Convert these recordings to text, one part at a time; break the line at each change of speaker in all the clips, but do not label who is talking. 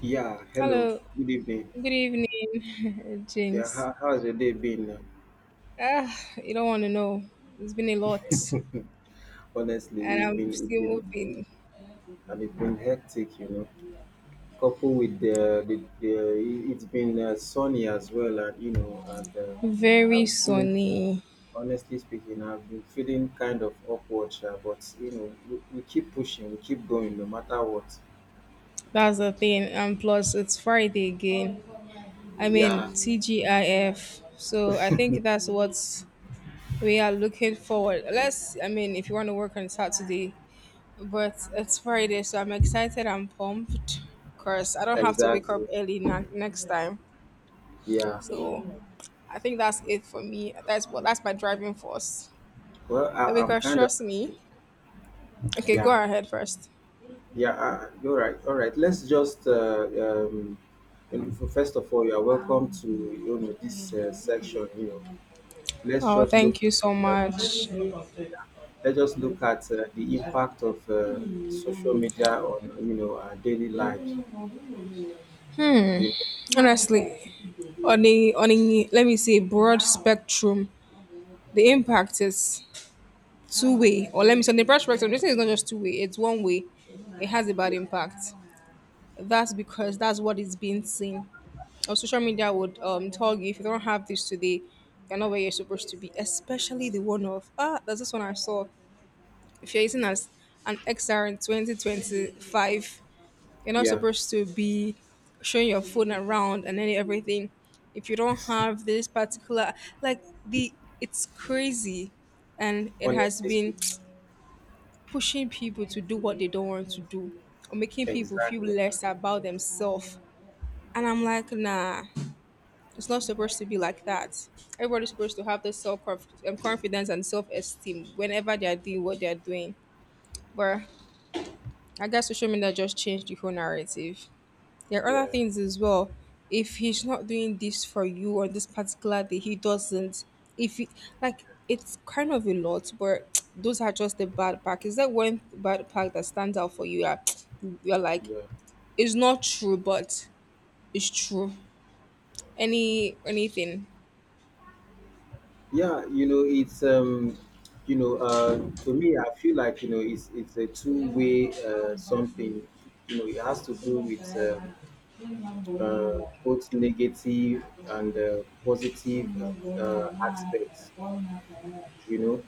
Yeah, hello,
Hello,
good evening.
good evening,
Yeah,
Jinx.
how's your day been?
Ah, you don't want to know. It's been a lot,
Honestly,
and I'm still moving.
it's been hectic, you know. Coupled with the it's been sunny as well, and
Very
I've been
sunny.
honestly speaking, I've been feeling kind of awkward, sha, but we keep pushing, we keep going, no matter what.
That's the thing. And plus, it's Friday again. I
Yeah,
mean, TGIF. So I think that's what we are looking forward. Unless, I mean, if you want to work on Saturday, but it's Friday, so I'm excited. I'm pumped because I don't have to wake up
exactly.
early next time.
Yeah.
So I think that's it for me. That's my driving force.
Well, I'm
Because
kind of.
trust me. Okay, go
Yeah.
ahead first.
Yeah, you're right. All right, let's just first of all, you are welcome to this section. Let's
Oh,
just look
thank you so
at uh,
much.
let's just look at the impact of social media on our daily lives.
Hmm.
You know,
Honestly, on a let me say broad spectrum, the impact is two way. Or let me say on the broad spectrum, this thing is not just two way. It's one way. It has a bad
yeah,
impact. That's because that's what is being seen. Or social media would tell you if you don't have this today, you're not where you're supposed to be. Especially the one of there's this one I saw. If you're using as an XR in 2025, you're not
yeah.
supposed to be showing your phone around and then everything. If you don't have this particular, like the, it's crazy, and it has
Honestly speaking,
been pushing people to do what they don't want to do or making people feel
exactly.
less about themselves. And I'm like, nah, it's not supposed to be like that. Everybody's supposed to have the self confidence and self esteem whenever they are doing what they are doing. But I guess social media just changed the whole narrative. There are other
Yeah,
things as well. If he's not doing this for you on this particular day, he doesn't. If he, like it's kind of a lot, but those are just the bad part. Is that one bad part that stands out for you? That you're like,
yeah,
it's not true, but it's true. Anything?
yeah. It's to me, I feel like it's a two way something. It has to do with both negative and positive aspects, you know.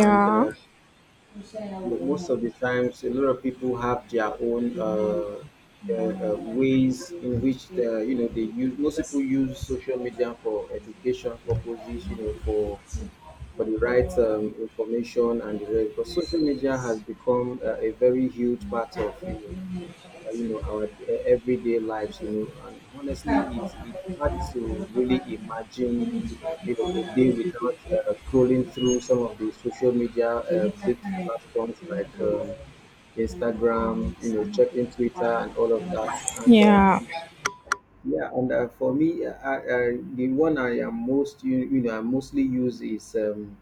And uh, most of the times, a lot of people have their own ways in which they use. Most people use social media for education purposes, for the right information and the rest. But social media has become a very huge part of our everyday lives, and honestly it's hard to really imagine a day without scrolling through some of the social media big platforms like Instagram, checking Twitter and all of that. And
Yeah.
Yeah, and for me, the one I am most I mostly use is um,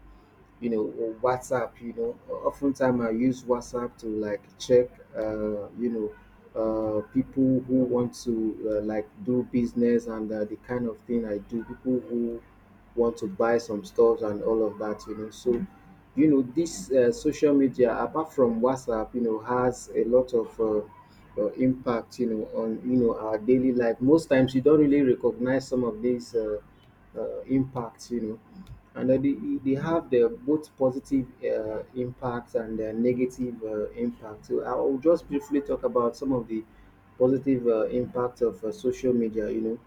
you know or WhatsApp. You know oftentimes I use WhatsApp to like check uh, you know people who want to like do business and the kind of thing I do, people who want to buy some stuff and all of that, you know. So this social media, apart from WhatsApp, has a lot of impact, on our daily life. Most times you don't really recognize some of these impacts, you know. And they have their both positive impacts and their negative impacts. So I will just briefly talk about some of the positive impacts of social media.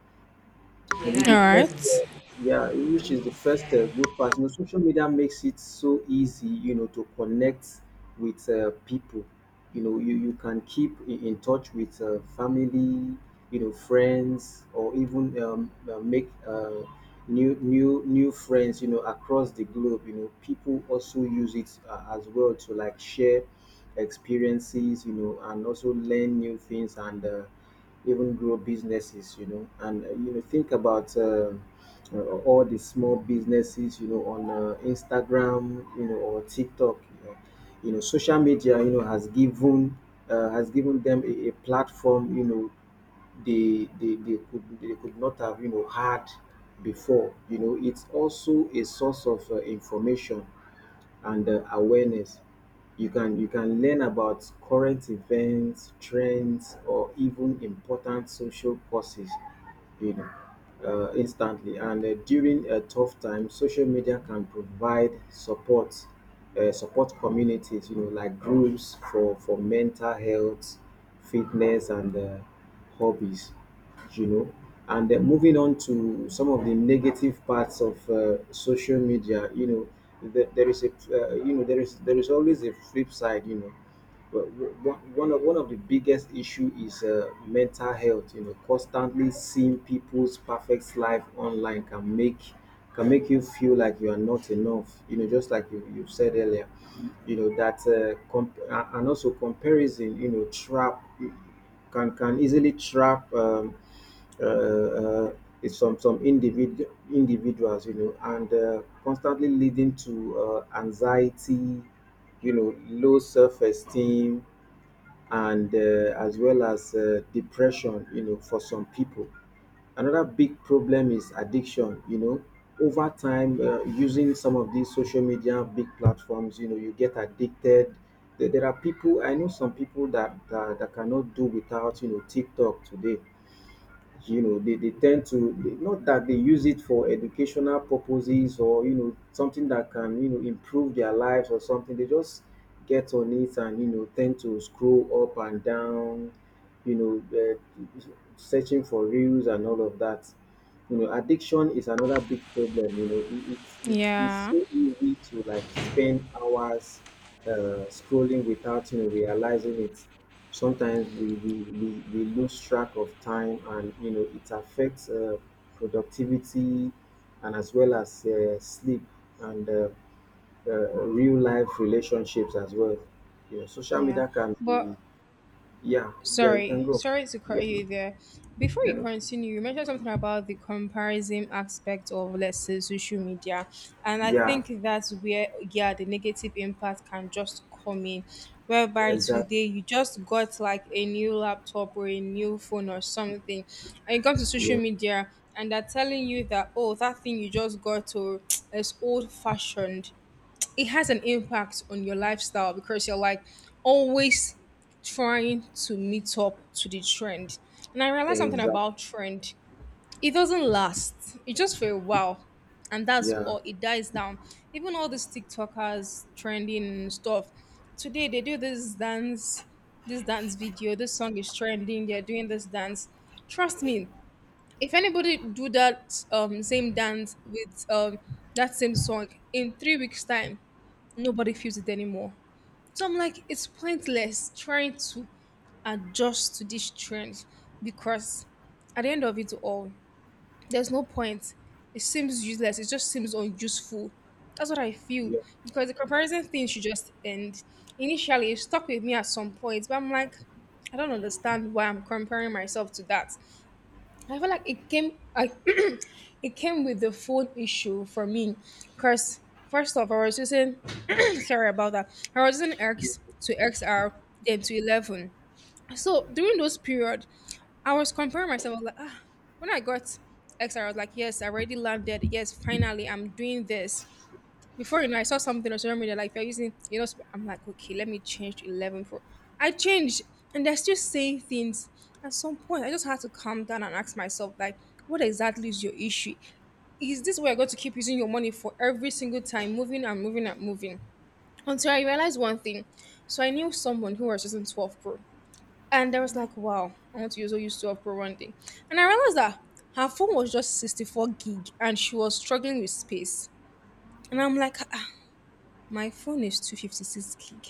All
And the first,
right.
yeah, which is the first good part. Social media makes it so easy, to connect with people. You can keep in touch with family, friends, or even make new friends. Across the globe. People also use it as well to like share experiences. And also learn new things and. Even grow businesses, and think about uh, all the small businesses, on Instagram, or TikTok. Social media, has given them a platform, they could not have had before, you know. It's also a source of information and awareness. You can learn about current events, trends, or even important social causes, you know instantly. And during a tough time, social media can provide support communities, like groups for mental health, fitness, and hobbies, you know. And then moving on to some of the negative parts of social media, there is always a flip side, you know. Well, one of the biggest issue is mental health. Constantly seeing people's perfect life online can make you feel like you are not enough. Just like you said earlier. And also comparison. Trap can easily trap. Uh, uh, it's some individ- individuals, you know, and constantly leading to anxiety, low self-esteem, and as well as depression, for some people. Another big problem is addiction. You know over time, using some of these social media big platforms, you get addicted. There are people I know, some people that cannot do without TikTok today. They tend to not that they use it for educational purposes or something that can improve their lives or something. They just get on it and tend to scroll up and down, you know uh, searching for reels and all of that. Addiction is another big problem. You know, it, it's
Yeah.
so easy to like spend hours scrolling without realizing it. Sometimes we lose track of time, and it affects productivity, and as well as sleep, and real life relationships as well. Social
Yeah.
media can be.
But
Yeah, yeah. You can
Sorry,
go.
sorry to
Yeah.
cut you there. Before
you
you
know
continue, you mentioned something about the comparison aspect of, let's say, social media. And I
yeah.
think that's where, yeah, the negative impact can just come in. Whereby
Exactly.
today you just got like a new laptop or a new phone or something, and you come to social
Yeah,
media and they're telling you that, oh, that thing you just got to is old fashioned, it has an impact on your lifestyle because you're like always trying to meet up to the trend. And I realized something
exactly.
about trend. It doesn't last. It just for a while. And that's
Yeah,
all, it dies down. Even all these TikTokers trending stuff. Today they do this dance video, this song is trending, they're doing this dance. Trust me, if anybody do that same dance with that same song in 3 weeks' time, nobody feels it anymore. So I'm like, it's pointless trying to adjust to this trend because at the end of it all, there's no point. It seems useless. It just seems unuseful. That's what I feel
yeah,
because the comparison thing should just end. Initially, it stuck with me at some point, but I'm like, I don't understand why I'm comparing myself to that. I feel like it came with the phone issue for me because first off I was using sorry about that, I was using X to XR then to 11. So during those period I was comparing myself. I was like, ah, when I got XR, I was like, yes, I already landed, yes, finally, I'm doing this. Before you know, I saw something on social media like they're using, I'm like, okay, let me change to 11 Pro. I changed, and they're still saying things. At some point, I just had to calm down and ask myself, like, what exactly is your issue? Is this where you're going to keep using your money for every single time, moving and moving and moving? Until I realized one thing. So I knew someone who was using 12 Pro, and I was like, wow, I want to use 12 Pro one day. And I realized that her phone was just 64 gig, and she was struggling with space. And I'm like, ah, my phone is 256 gig.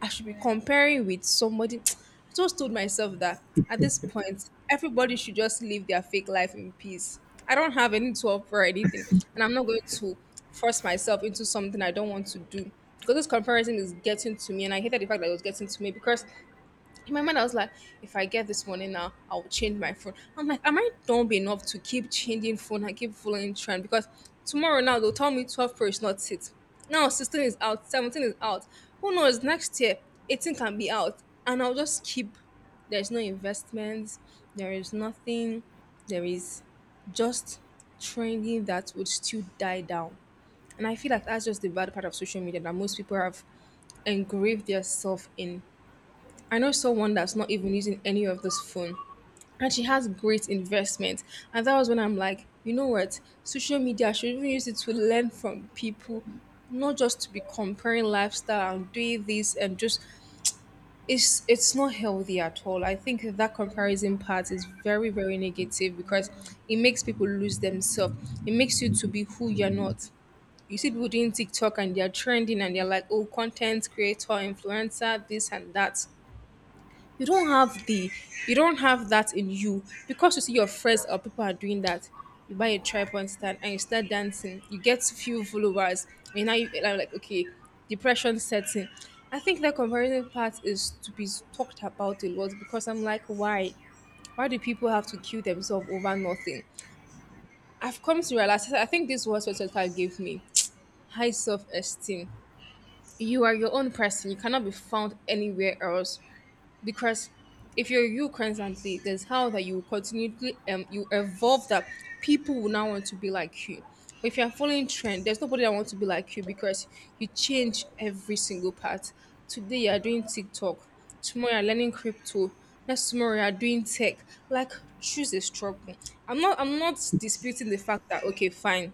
I should be comparing with somebody. I just told myself that at this point, everybody should just live their fake life in peace. I don't have any to offer or anything, and I'm not going to force myself into something I don't want to do. Because this comparison is getting to me, and I hated the fact that it was getting to me because in my mind, I was like, if I get this money now, I will change my phone. I'm like, am I dumb enough to keep changing phone and keep following trend? Because tomorrow now they'll tell me 12 Pro is not it. Now 16 is out, 17 is out. Who knows? Next year, 18 can be out. And I'll just keep. There's no investments. There is nothing. There is just trending that would still die down. And I feel like that's just the bad part of social media that most people have engraved yourself in. I know someone that's not even using any of this phone, and she has great investment. And that was when I'm like, you know what? Social media, I should even use it to learn from people, not just to be comparing lifestyle and doing this and just it's not healthy at all. I think that comparison part is very, very negative because it makes people lose themselves. It makes you to be who you're not. You see people doing TikTok and they're trending and they're like, oh, content creator, influencer, this and that, you don't have the you don't have that in you because you see your friends
yeah,
or people are doing that, you buy a tripod stand and you start dancing, you get few followers, and now you am like, okay, depression setting. I think that comparison part is to be talked about a lot because I'm like, why do people have to kill themselves over nothing? I've come to realize, I think this was what 25 gave me, high self-esteem. You are your own person, you cannot be found anywhere else, because if you're you constantly, there's how that you will continually you evolve, that people will now want to be like you. But if you're following trend, there's nobody that wants to be like you because you change every single part. Today you are doing TikTok, tomorrow you're learning crypto, next tomorrow you're doing tech. Like, choose a struggle. I'm not disputing the fact that okay, fine,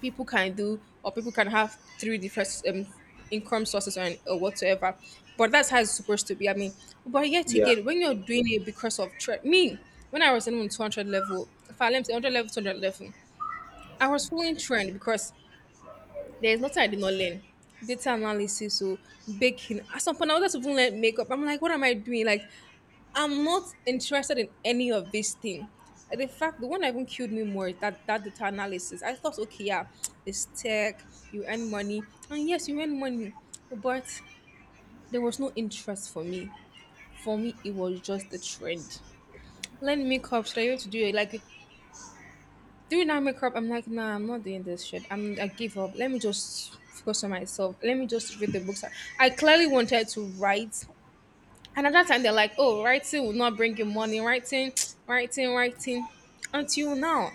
people can do or people can have three different income sources or whatsoever, but that's how it's supposed to be, I mean, but yet
yeah,
again, when you're doing it because of trend, me, when I was in 200 level, if I learned 100 level, 200 level, I was following trend, because there's nothing I did not learn. Data analysis, so, baking, at some point I was just even learn makeup. I'm like, what am I doing? Like, I'm not interested in any of this thing. The fact, the one that even killed me more is that that data analysis. I thought, okay, yeah, it's tech, you earn money, and yes, you earn money, but there was no interest for me. For me, it was just a trend. Learn makeup, should I even to do it? Like, doing that makeup, I'm like, nah, I'm not doing this shit. I give up. Let me just focus on myself. Let me just read the books. I clearly wanted to write. And at that time, they're like, oh, writing will not bring you money. Writing, writing, writing. Until now,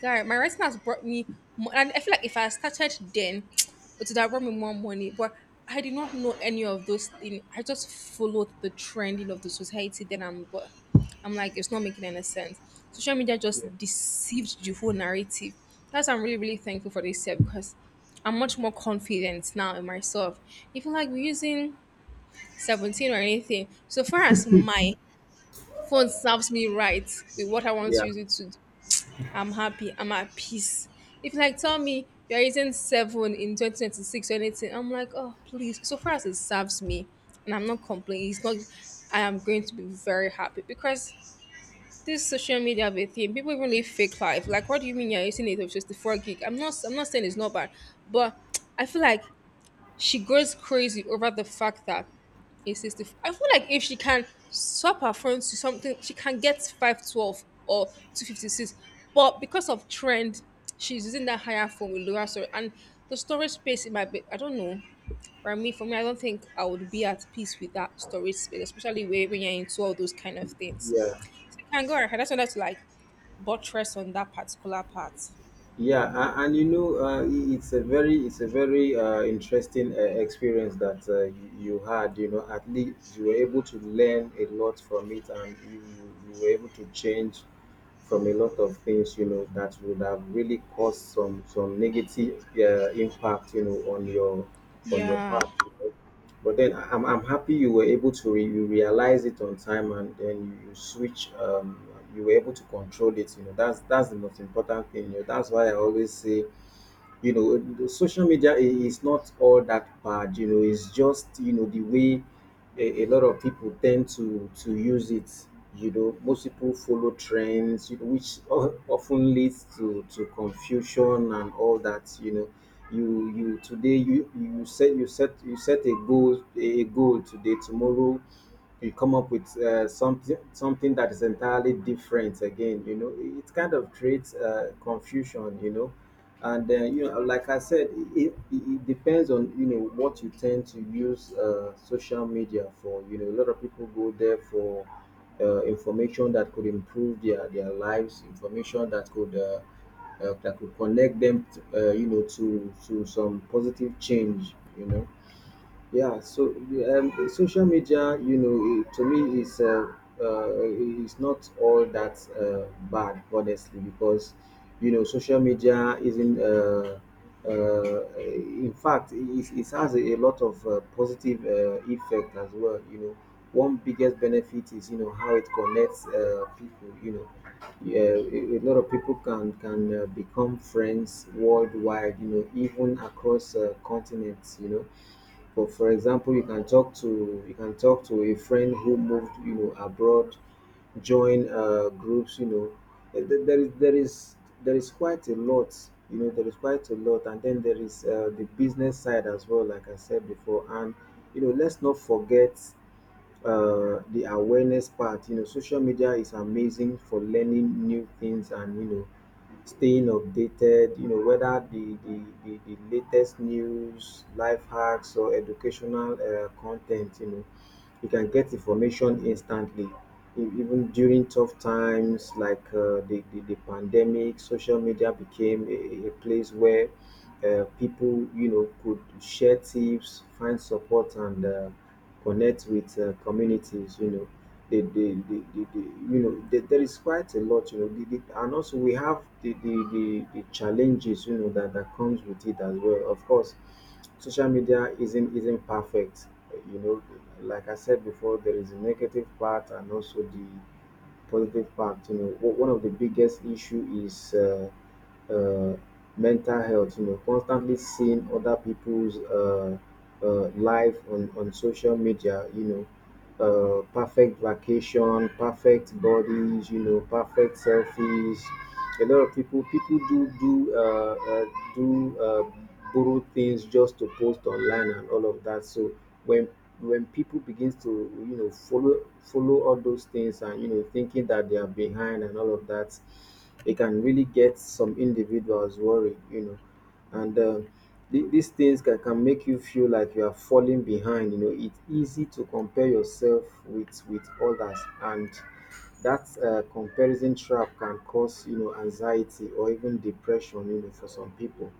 guy, my writing has brought me. And I feel like if I started then, it would have brought me more money. But I did not know any of those things. I just followed the trending of the society. Then but I'm like, it's not making any sense. Social media just deceived the whole narrative. That's why I'm really, really thankful for this year because I'm much more confident now in myself. Even like using 17 or anything. So far as my phone serves me right with what I want
yeah,
to use it to do, I'm happy. I'm at peace. If you like tell me you're using seven in 2026 or anything, I'm like, oh please. So far as it serves me and I'm not complaining, it's not, I am going to be very happy because this social media bit thing, people even live fake life. Like, what do you mean you're using it of just the 4 gig? I'm not saying it's not bad, but I feel like she goes crazy over the fact that it's 65. I feel like if she can swap her phone to something, she can get 512 or 256. But because of trend, she's using that higher phone with lower storage. And the storage space, it might be, I don't know. For me, I don't think I would be at peace with that storage space, especially where when you're into all those kind of things.
yeah,
You can go ahead. I just wanted to like buttress on that particular part.
yeah. And, it's a very interesting experience that you had. At least you were able to learn a lot from it, and you were able to change from a lot of things. That would have really caused some negative impact. On your
Yeah.
path. But then I'm happy you were able to you realize it on time, and then you switch. You were able to control it, that's the most important thing. You know that's why I always say, the social media is not all that bad, it's just, the way a lot of people tend to use it. Most people follow trends, which often leads to confusion and all that, you know. You today, you set a goal today, tomorrow you come up with something that is entirely different again, you know. It kind of creates confusion, you know. And then, like I said, it depends on what you tend to use social media for. You know a lot of people go there for information that could improve their lives, information that could connect them, to some positive change, you know. Yeah, so, social media, to me, uh, is not all that bad, honestly, because social media isn't in fact, it has a lot of positive effect as well, you know. One biggest benefit is, how it connects people, you know. Yeah, a lot of people can become friends worldwide, even across continents, you know. For example, you can talk to a friend who moved, abroad, join groups, you know. Th- th- there is there is there is quite a lot. There is quite a lot, and then there is the business side as well, like I said before, and let's not forget the awareness part. Social media is amazing for learning new things and staying updated. Whether the latest news, life hacks, or educational content. You can get information instantly. Even during tough times like the pandemic, social media became a place where people, could share tips, find support, and connect with communities, you know. They There is quite a lot, and also we have the challenges, that comes with it as well, of course. Social media isn't perfect. you know like I said before, there is a negative part and also the positive part, one of the biggest issue is uh, mental health, constantly seeing other people's life on social media, perfect vacation, perfect bodies, perfect selfies. A lot of people do borrow things just to post online and all of that. So when when people begins to follow all those things, and thinking that they are behind and all of that, it can really get some individuals worried, you know. And um, these things can make you feel like you are falling behind. You know, it's easy to compare yourself with others, and that comparison trap can cause, you know, anxiety or even depression. You know, for some people,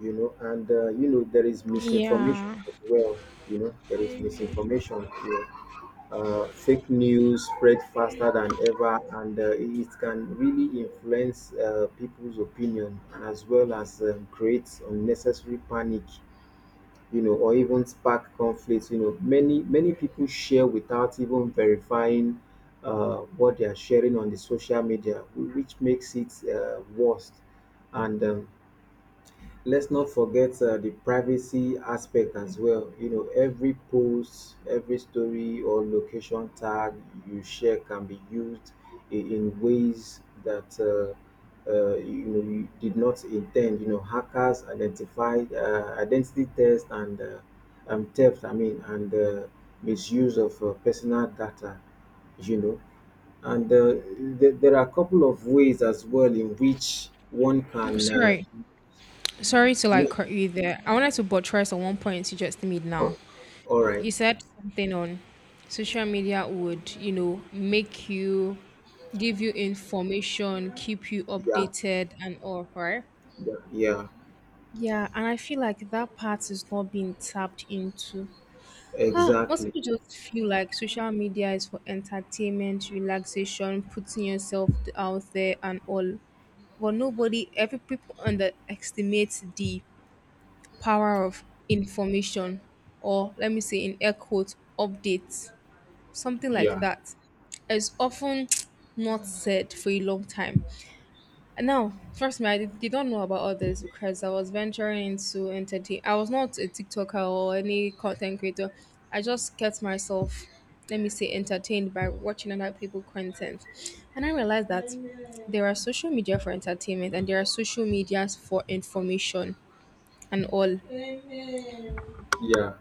you know. And You know, there is misinformation
Yeah.
as well. You know, there is misinformation, you know. Fake news spread faster than ever, and it can really influence people's opinion, and as well as create unnecessary panic, you know, or even spark conflict. You know, many people share without even verifying what they are sharing on the social media, which makes it worse. And Let's not forget the privacy aspect as well. You know, every post, every story, or location tag you share can be used in ways that you know, you did not intend. You know, hackers, identify identity theft, and theft. I mean, and misuse of personal data. You know, and there are a couple of ways as well in which one can.
Sorry. Sorry to like cut you there. I wanted to buttress on one point you just made now.
All, all right.
You said something on social media would, you know, make you give you information, keep you
Yeah.
updated and all, right?
Yeah. Yeah.
Yeah, and I feel like that part is not being tapped into. Huh. Most
Exactly.
people just feel like social media is for entertainment, relaxation, putting yourself out there and all. But nobody, every people underestimates the power of information, or let me say in air quotes updates, something like
Yeah.
that is often not said for a long time. And now, trust me, I did not know about all this because I was venturing into entertain. I was not a TikToker or any content creator. I just kept myself, let me say, entertained by watching other people content. And I realized that there are social media for entertainment and there are social medias for information and all.
Yeah.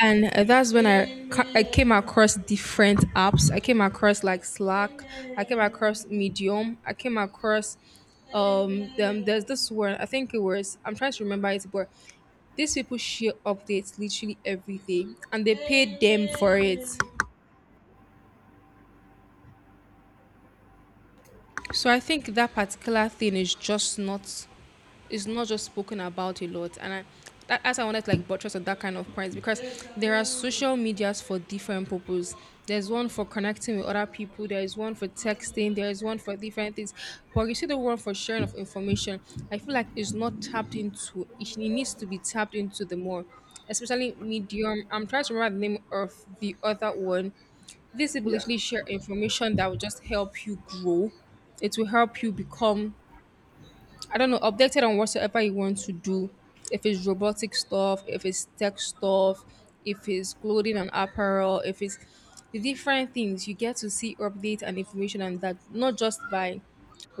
And that's when I came across different apps. I came across like Slack. I came across Medium. I came across them. There's this one. I think it was. I'm trying to remember it, but these people share updates literally every day, and they pay them for it. So I think that particular thing is just not, is not just spoken about a lot, and I, that, as I wanted to like buttress on that kind of points because there are social medias for different purposes. There's one for connecting with other people. There is one for texting. There is one for different things. But you see the one for sharing of information. I feel like it's not tapped into. It needs to be tapped into the more, especially medium. I'm trying to remember the name of the other one. This will
Yeah.
literally share information that will just help you grow. It will help you become, I don't know, updated on whatsoever you want to do. If it's robotic stuff, if it's tech stuff, if it's clothing and apparel, if it's the different things, you get to see updates and information, and that not just by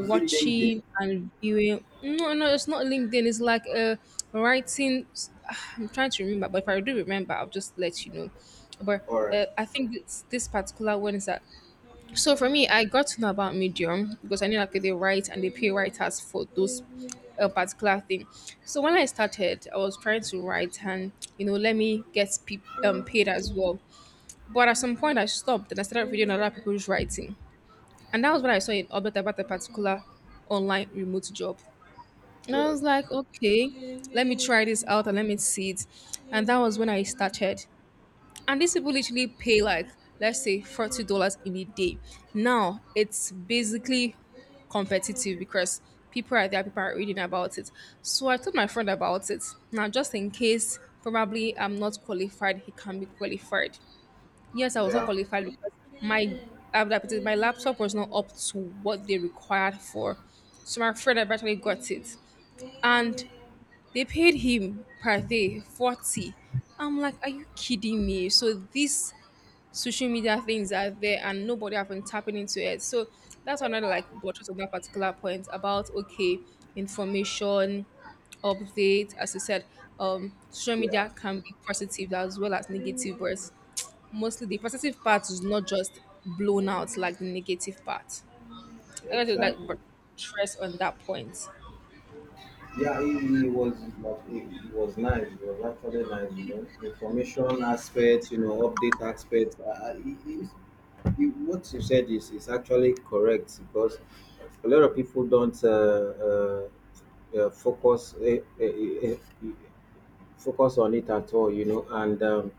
Is it LinkedIn
and viewing. No, no, it's not LinkedIn. It's like writing. I'm trying to remember, but if I do remember, I'll just let you know. But
or
I think this particular one is that so for me, I got to know about Medium because I knew like they write and they pay writers for those particular thing. So when I started, I was trying to write and you know let me get paid as well. But at some point, I stopped and I started reading other people's writing, and that was when I saw an update about a particular online remote job. And I
yeah?
was like, okay, let me try this out and let me see it. And that was when I started, and these people literally pay like let's say $40 in a day. Now it's basically competitive because people are there, people are reading about it. So I told my friend about it. Now just in case probably I'm not qualified, he can be qualified. Yes, I was not
Yeah.
qualified because my adapted, my laptop was not up to what they required for. So my friend eventually got it. And they paid him per day 40. I'm like, are you kidding me? So this social media things are there and nobody have been tapping into it. So that's another like buttress on that particular point about okay, information, update, as you said, social
Yeah.
media can be positive as well as negative, but mostly the positive part is not just blown out like the negative part. I got to like
Exactly.
buttress on that point.
Yeah, he was but he was nice. He was actually nice, you know. Information aspects, you know, update aspects. He, what you said is actually correct, because a lot of people don't focus focus on it at all, you know. And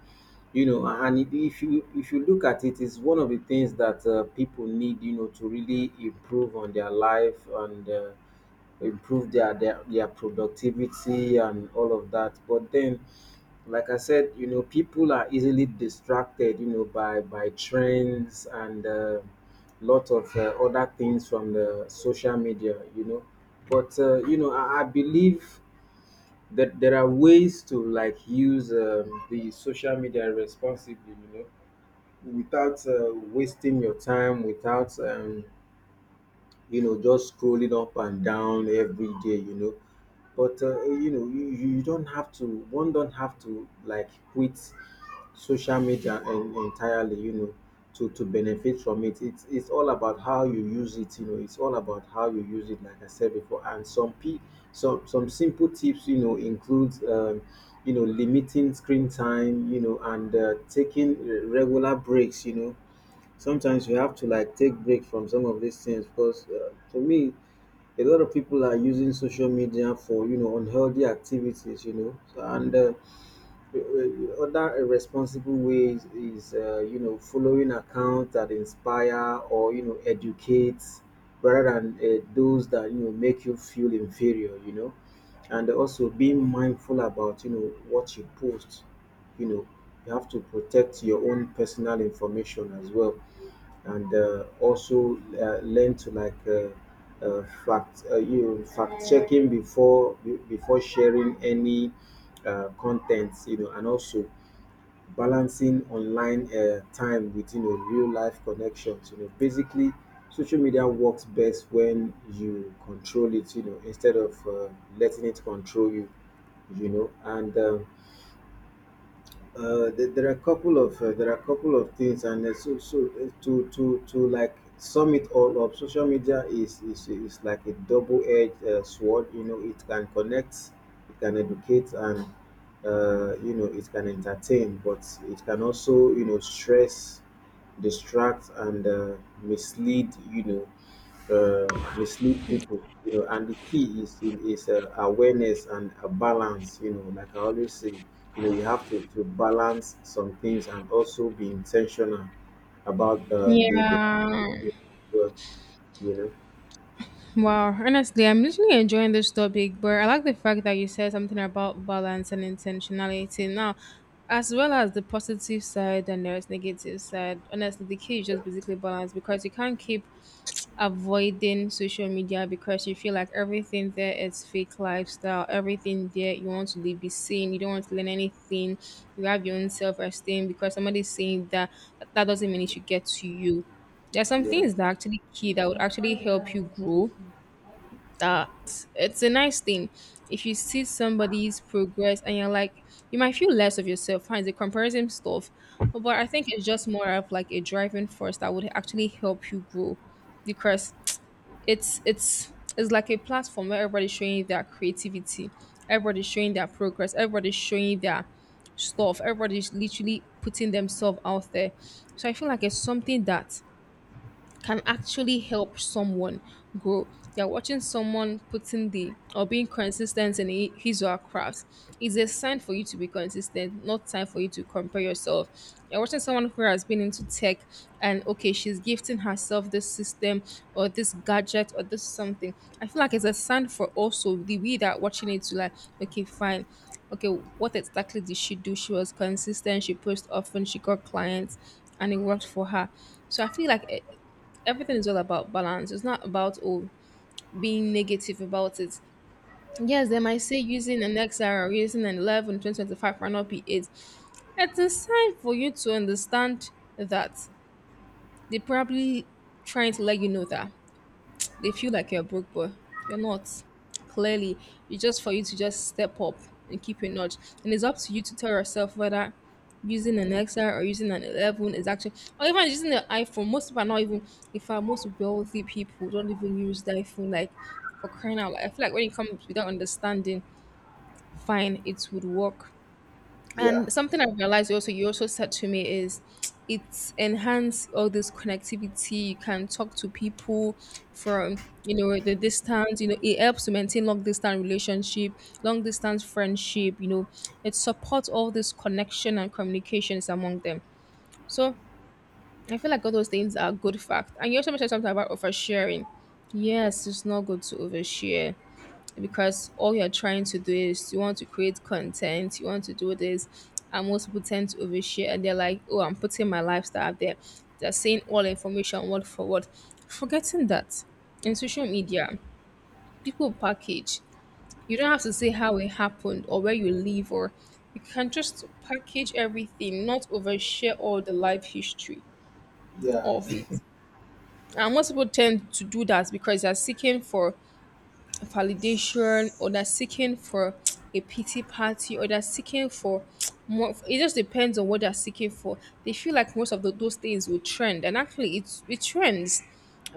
You know, and if you look at it, it's one of the things that people need, you know, to really improve on their life and. Improve their productivity and all of that. But then, like I said, you know, people are easily distracted, you know, by trends and lot of other things from the social media, you know. But you know, I believe that there are ways to like use the social media responsibly, you know, without wasting your time, without you know, just scrolling up and down every day, you know. But you know, you don't have to. One don't have to like quit social media entirely, you know, to benefit from it. It's all about how you use it, you know. It's all about how you use it, like I said before. And some pe- Some simple tips, you know, includes. You know, limiting screen time, you know, and taking regular breaks, you know. Sometimes you have to like take break from some of these things, because for me, a lot of people are using social media for, you know, unhealthy activities, you know. So, and other irresponsible ways is you know, following accounts that inspire or you know educate, rather than those that you know make you feel inferior, you know. And also being mindful about, you know, what you post, you know. You have to protect your own personal information as well, and also learn to like fact, you know, fact checking before before sharing any content, you know. And also balancing online time with, you know, real life connections, you know. Basically, social media works best when you control it, you know, instead of letting it control you, you know. And there, there are a couple of There are a couple of things, and to to like sum it all up, social media is like a double-edged sword. You know, it can connect, it can educate, and you know, it can entertain, but it can also, you know, stress, distract, and mislead. You know, mislead people, you know. And the key is awareness and a balance, you know. Like I always say, you know, you have to balance some things, and also be intentional about the the,
Yeah.
the you know.
Wow, honestly, I'm literally enjoying this topic, but I like the fact that you said something about balance and intentionality now, as well as the positive side and the negative side. Honestly, the key is just basically balance because you can't keep avoiding social media because you feel like everything there is fake lifestyle, everything there you want to be seen, you don't want to learn anything, you have your own self esteem because somebody's saying that, that doesn't mean it should get to you. There are some
Yeah,
things that are actually key that would actually help you grow, that it's a nice thing. If you see somebody's progress and you're like, you might feel less of yourself, fine, it's a comparison stuff, but I think it's just more of like a driving force that would actually help you grow because it's like a platform where everybody's showing their creativity, everybody's showing their progress, everybody's showing their stuff, everybody's literally putting themselves out there. So I feel like it's something that can actually help someone grow. You're watching someone putting the or being consistent in his or her craft. It's a sign for you to be consistent, not time for you to compare yourself. You're watching someone who has been into tech, and okay, she's gifting herself this system or this gadget or this something. I feel like it's a sign for also the we that are watching it to like, okay, fine. Okay, what exactly did she do? She was consistent, she posted often, she got clients, and it worked for her. So I feel like everything is all about balance. It's not about oh being negative about it. Yes, they might say using an XR or using an 11 2025 might not be it. It's a sign for you to understand that they're probably trying to let you know that they feel like you're a broke boy. You're not. Clearly, it's just for you to just step up and keep your nudge. And it's up to you to tell yourself whether using an XR or using an 11 is actually, or even using the iPhone. Most people are not even, in fact, most wealthy people don't even use the iPhone, like for crying out loud. I feel like when it comes without understanding, fine, it would work.
yeah,
And something I realized also you also said to me is it's enhance all this connectivity. You can talk to people from you know the distance. You know it helps to maintain long distance relationship, long distance friendship. You know it supports all this connection and communications among them. So I feel like all those things are good fact. And you also mentioned something about oversharing. Yes, it's not good to overshare because all you're trying to do is you want to create content, you want to do this. And most people tend to overshare and they're like, oh, I'm putting my lifestyle out there. They're saying all information word for word, forgetting that in social media, people package. You don't have to say how it happened or where you live, or you can just package everything, not overshare all the life history
yeah,
of it. And most people tend to do that because they're seeking for validation or they're seeking for a pity party or they're seeking for more. It just depends on what they're seeking for. They feel like most of those things will trend, and actually it's, it trends,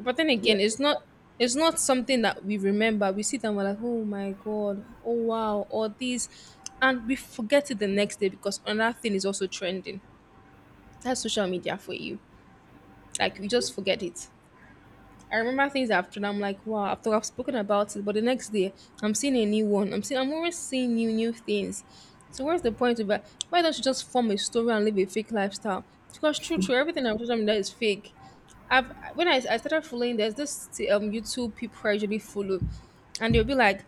but then
yeah.
again it's not, it's not something that we remember. We sit and we're like, oh my god, oh wow, all these, and we forget it the next day because another thing is also trending. That's social media for you. Like we just forget it. I remember things after that. I'm like, wow, after I've spoken about it, but the next day I'm seeing a new one. I'm seeing, I'm always seeing new things. So where's the point of that? Why don't you just form a story and live a fake lifestyle? Because true, true, everything on social media is fake. I've when I started following, there's this YouTube people I usually follow, and they'll be like,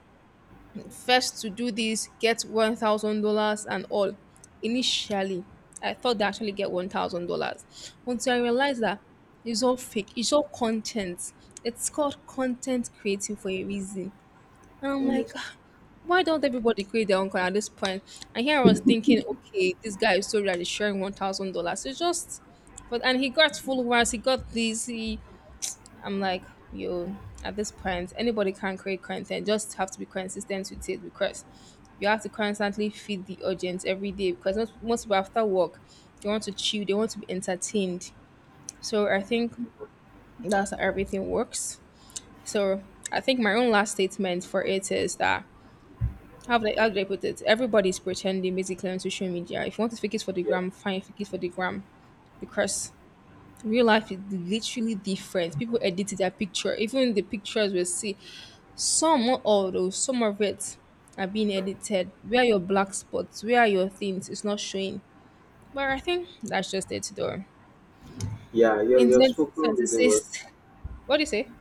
first to do this get $1000 and all. Initially I thought they actually get $1000 until I realized that it's all fake, it's all content. It's called content creating for a reason. And I'm like,
Honestly,
"Ah, why don't everybody create their own content at this point? And here I was thinking, okay, this guy is so that sharing $1000, it's just, but, and he got followers, he got this, he, I'm like, yo, at this point, anybody can create content. Just have to be consistent with it because you have to constantly feed the audience every day because most people after work, they want to chill, they want to be entertained. So I think that's how everything works. So I think my own last statement for it is that, how do I put it? Everybody's pretending basically on social media. If you want to fake it for the
yeah,
gram, fine, fake it for the gram because real life is literally different. People edit their picture, even the pictures we see. Some, not all though, some of it are being edited. Where are your black spots? Where are your things? It's not showing. But I think that's just it though.
yeah.
In
You're spoken really well.
2026, what do you say?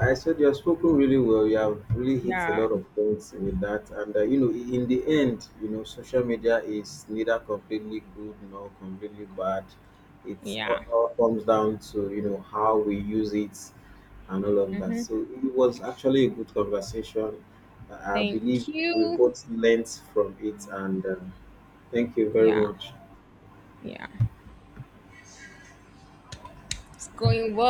I said you have spoken really well. You have really hit a
Yeah,
lot of points with that, and you know, in the end, you know, social media is neither completely good nor completely bad. It
yeah.
all comes down to, you know, how we use it and all of that. So it was actually a good conversation. I believe
Thank
we
you.
both learnt from it, and thank you very
Yeah,
much.
yeah. It's going well.